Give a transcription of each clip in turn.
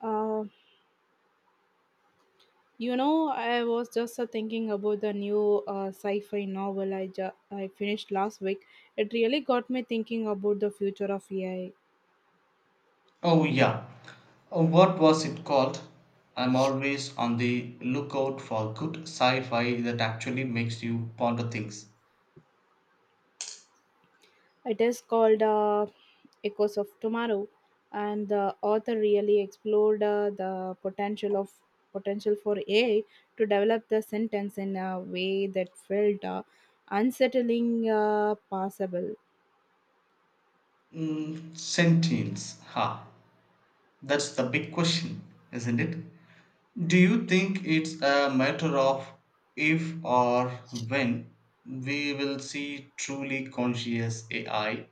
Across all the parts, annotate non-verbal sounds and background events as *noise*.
Uh, I was just thinking about the new sci-fi novel I finished last week. It really got me thinking about the future of AI. Oh, yeah. What was it called? I'm always on the lookout for good sci fi that actually makes you ponder things. It is called Echoes of Tomorrow, and the author really explored the potential for AI to develop the sentence in a way that felt unsettling, possible. Mm, sentience. Ha. That's the big question, isn't it? Do you think it's a matter of if or when we will see truly conscious AI?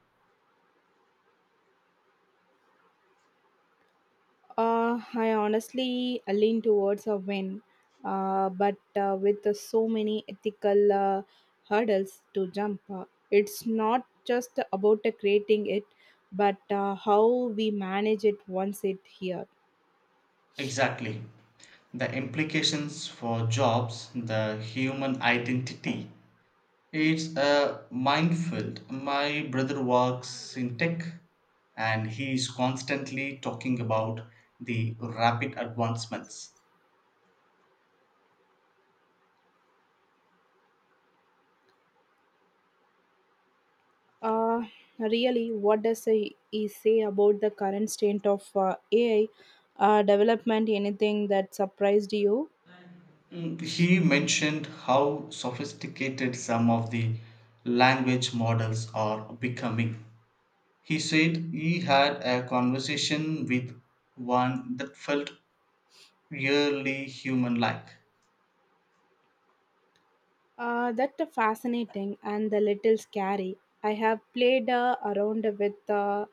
I honestly lean towards a win, but with so many ethical hurdles to jump, it's not just about creating it, but how we manage it once it here. Exactly. The implications for jobs, the human identity, it's a minefield. My brother works in tech and he is constantly talking about the rapid advancements. Uh, really, what does he say about the current state of AI development? Anything that surprised you? Mm, he mentioned how sophisticated some of the language models are becoming. He said he had a conversation with one that felt really human like. That's a fascinating and a little scary. I have played around with uh,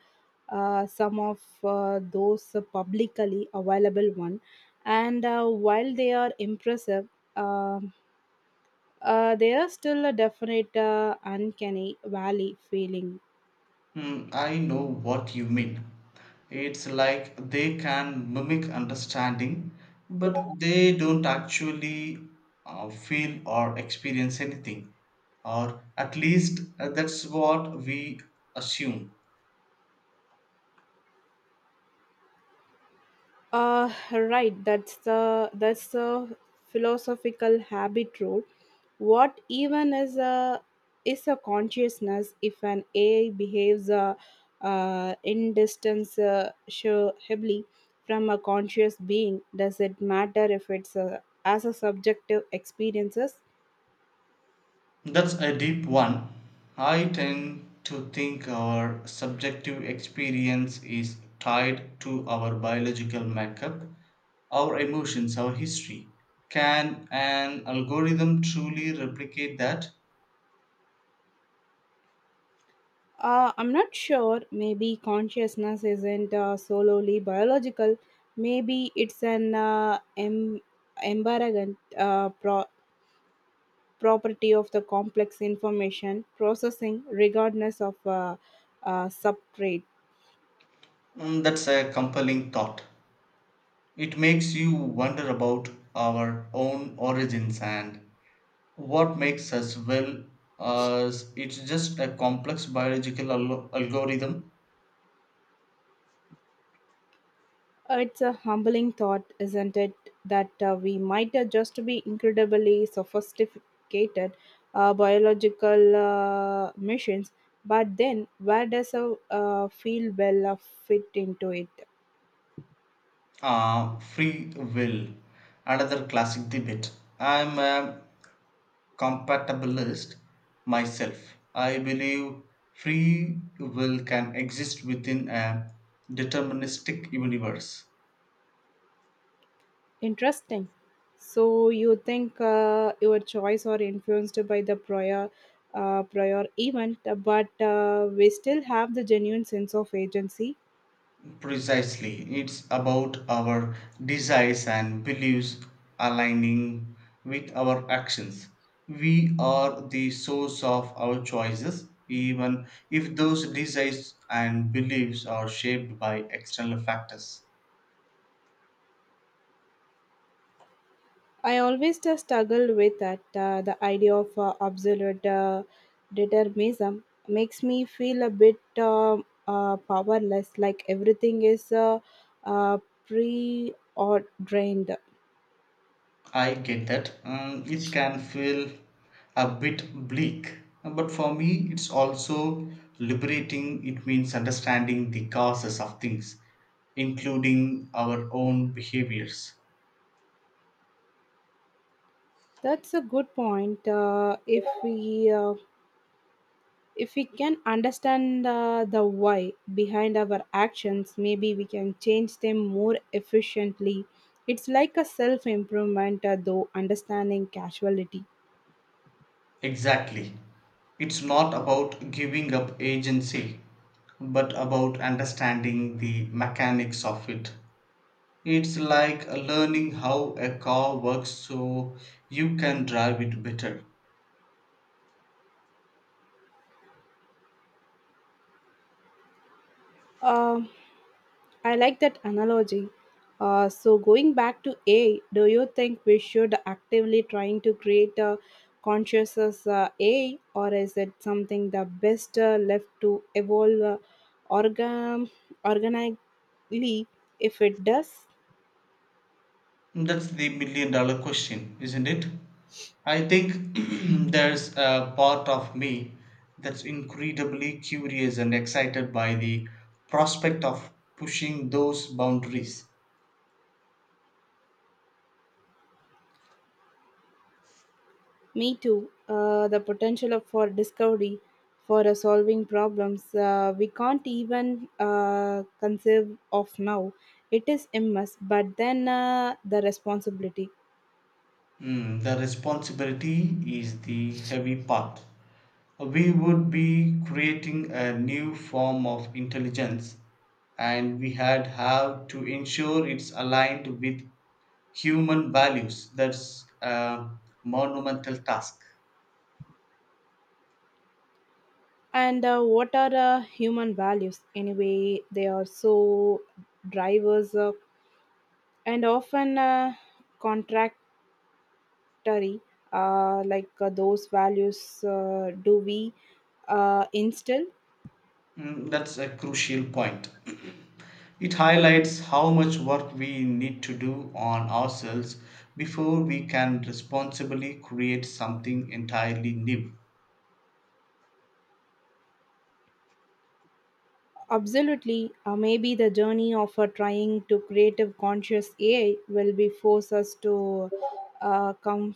uh, some of those publicly available one, and while they are impressive, um there are still a definite uncanny valley feeling. Hmm, I know what you mean. It's like they can mimic understanding, but they don't actually feel or experience anything, or at least that's what we assume. Right. That's the philosophical habit rule. What even is a consciousness if an AI behaves in distance hably from a conscious being? Does it matter if it's as a subjective experiences? That's a deep one. I tend to think our subjective experience is tied to our biological makeup, our emotions, our history. Can an algorithm truly replicate that? I'm not sure. Maybe consciousness isn't solely biological. Maybe it's an embarrassing property of the complex information processing regardless of substrate. Mm, that's a compelling thought. It makes you wonder about our own origins and what makes us well as it's just a complex biological algorithm. It's a humbling thought, isn't it, that we might just be incredibly sophisticated biological machines, but then where does a field well fit into it? Free will, another classic debate. I'm a compatibilist myself. I believe free will can exist within a deterministic universe. Interesting. So you think your choice are influenced by the prior event, but we still have the genuine sense of agency. Precisely, it's about our desires and beliefs aligning with our actions. We are the source of our choices, even if those desires and beliefs are shaped by external factors. I always struggle with that. The idea of absolute determinism makes me feel a bit powerless, like everything is uh, pre-ordained. I get that. It can feel a bit bleak, but for me, it's also liberating. It means understanding the causes of things, including our own behaviors. That's a good point. If we can understand the why behind our actions, maybe we can change them more efficiently. It's like a self improvement, though understanding casualty. Exactly. It's not about giving up agency, but about understanding the mechanics of it. It's like learning how a car works so you can drive it better. Um, I like that analogy. So going back to AI, do you think we should actively trying to create a conscious AI, or is it something the best left to evolve organ organically if it does? That's the $1 million question, isn't it? I think *clears throat* there's a part of me that's incredibly curious and excited by the prospect of pushing those boundaries. Me too. The for discovery, for solving problems we can't even conceive of now. It is immense, but then the responsibility. Mm, the responsibility is the heavy part. We would be creating a new form of intelligence, and we had have to ensure it's aligned with human values. That's a monumental task. And what are human values? Anyway, they are so drivers and often contractory, like those values do we instill? Mm, that's a crucial point. *clears throat* It highlights how much work we need to do on ourselves before we can responsibly create something entirely new. Absolutely, maybe the journey of trying to creative conscious AI will be force us to uh, com-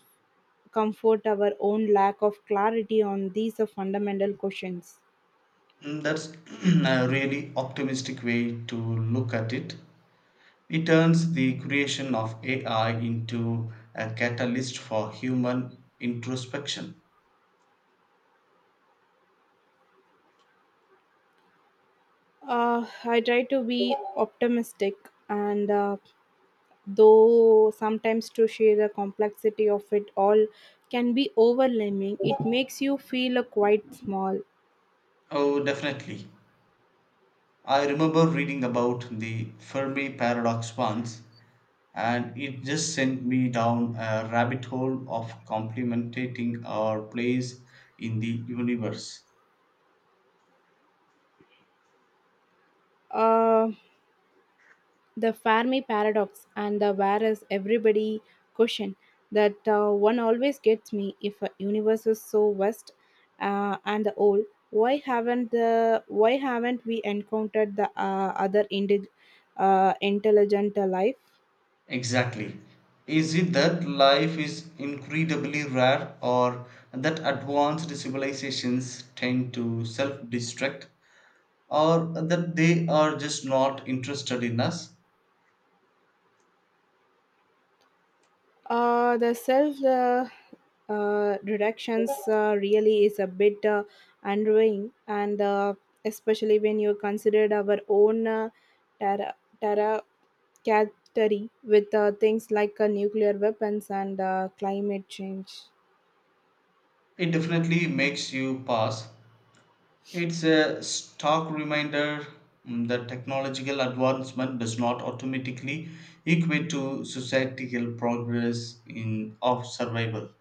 comfort our own lack of clarity on these fundamental questions. Mm, that's *clears throat* a really optimistic way to look at it. It turns the creation of AI into a catalyst for human introspection. I try to be optimistic and though sometimes to share the complexity of it all can be overwhelming, it makes you feel quite small. Oh, definitely. I remember reading about the Fermi paradox once, and it just sent me down a rabbit hole of complementing our place in the universe. Uh. The Fermi paradox and the whereas everybody question that one always gets me if a universe is so vast and old why haven't the why haven't we encountered the intelligent life. Exactly. Is it that life is incredibly rare or that advanced civilizations tend to self destruct or that they are just not interested in us? The self reductions really is a bit unnerving and especially when you considered our own terra, catering with things like nuclear weapons and climate change. It definitely makes you pause. It's a stark reminder, mm, that technological advancement does not automatically equate to societal progress in of survival.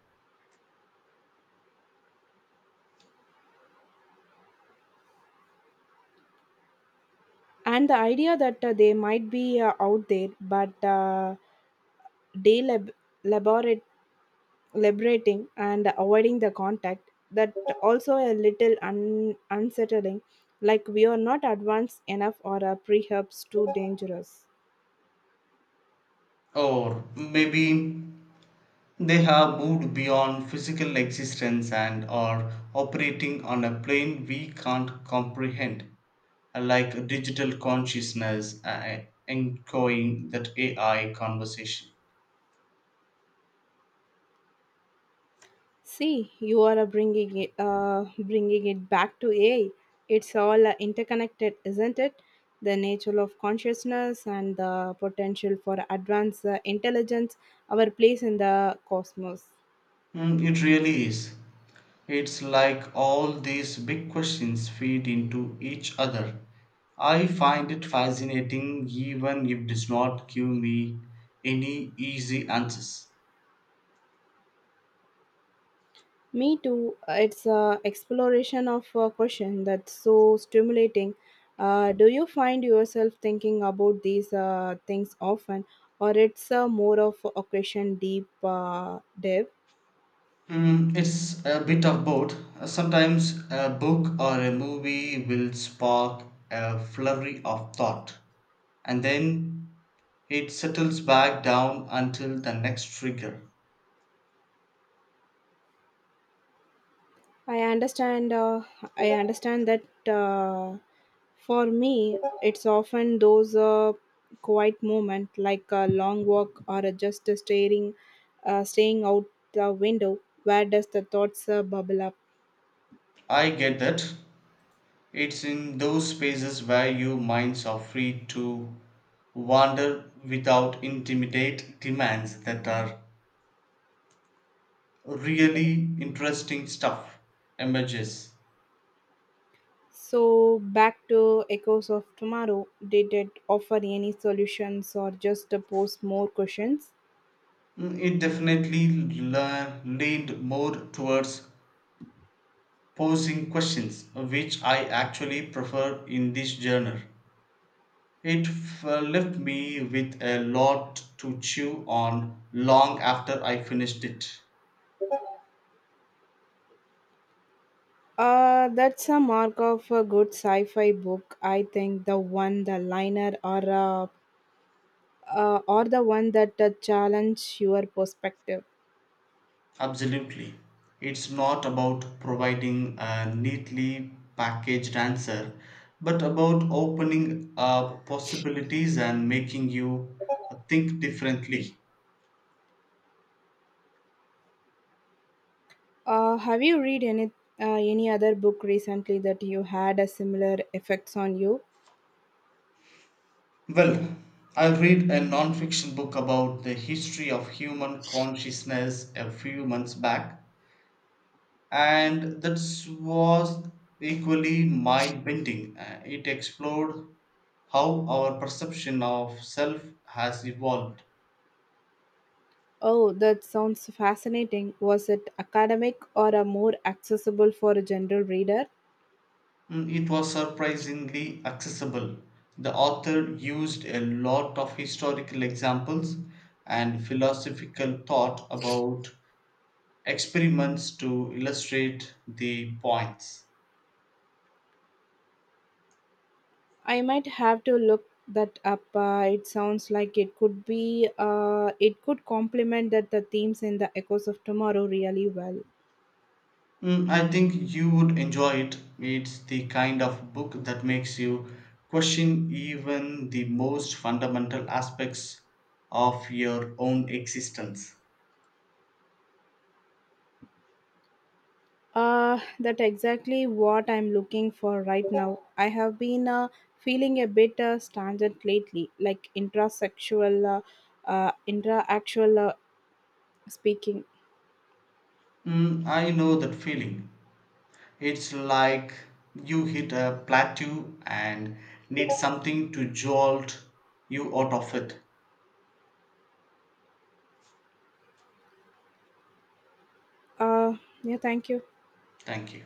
And the idea that they might be out there, but delaborate and avoiding the contact that also a little unsettling, like we are not advanced enough or our pre too dangerous. Or maybe they have moved beyond physical existence and are operating on a plane we can't comprehend, like digital consciousness echoing that AI conversation. See, you are bringing it back to AI. It's all interconnected, isn't it? The nature of consciousness and the potential for advanced intelligence, our place in the cosmos. Mm, it really is. It's like all these big questions feed into each other. I find it fascinating, even if it does not give me any easy answers. Me too. It's a exploration of a question that's so stimulating. Do you find yourself thinking about these things often, or it's more of a occasion deep dive? Mm, it's a bit of both. Sometimes a book or a movie will spark a flurry of thought, and then it settles back down until the next trigger. I understand. Uh, I understand that uh, for me, it's often those quiet moments, like a long walk or a just a staying out the window. Where does the thoughts bubble up? I get that. It's in those spaces where your minds are free to wander without intimidate demands that are really interesting stuff emerges. So back to echoes of tomorrow. Did it offer any solutions or just pose more questions? Mm, it definitely leaned more towards posing questions, which I actually prefer in this genre. It left me with a lot to chew on long after I finished it. That's a mark of a good sci-fi book. I think the one, the liner, or a or the one that challenge your perspective. Absolutely. It's not about providing a neatly packaged answer, but about opening up possibilities and making you think differently. Have you read any other book recently that you had a similar effects on you? Well, I read a non fiction book about the history of human consciousness a few months back, and that was equally mind bending. It explored how our perception of self has evolved. Oh, that sounds fascinating. Was it academic or a more accessible for a general reader? Mm, it was surprisingly accessible. The author used a lot of historical examples and philosophical thought about experiments to illustrate the points. I might have to look that up. It sounds like it could be. It could complement that the themes in the Echoes of Tomorrow really well. Mm, I think you would enjoy it. It's the kind of book that makes you question even the most fundamental aspects of your own existence. That exactly what I'm looking for right now. I have been feeling a bit stagnant lately, like intrasexual, intra-actual speaking. Mm, I know that feeling. It's like you hit a plateau and need something to jolt you out of it. Uh, yeah, thank you. Thank you.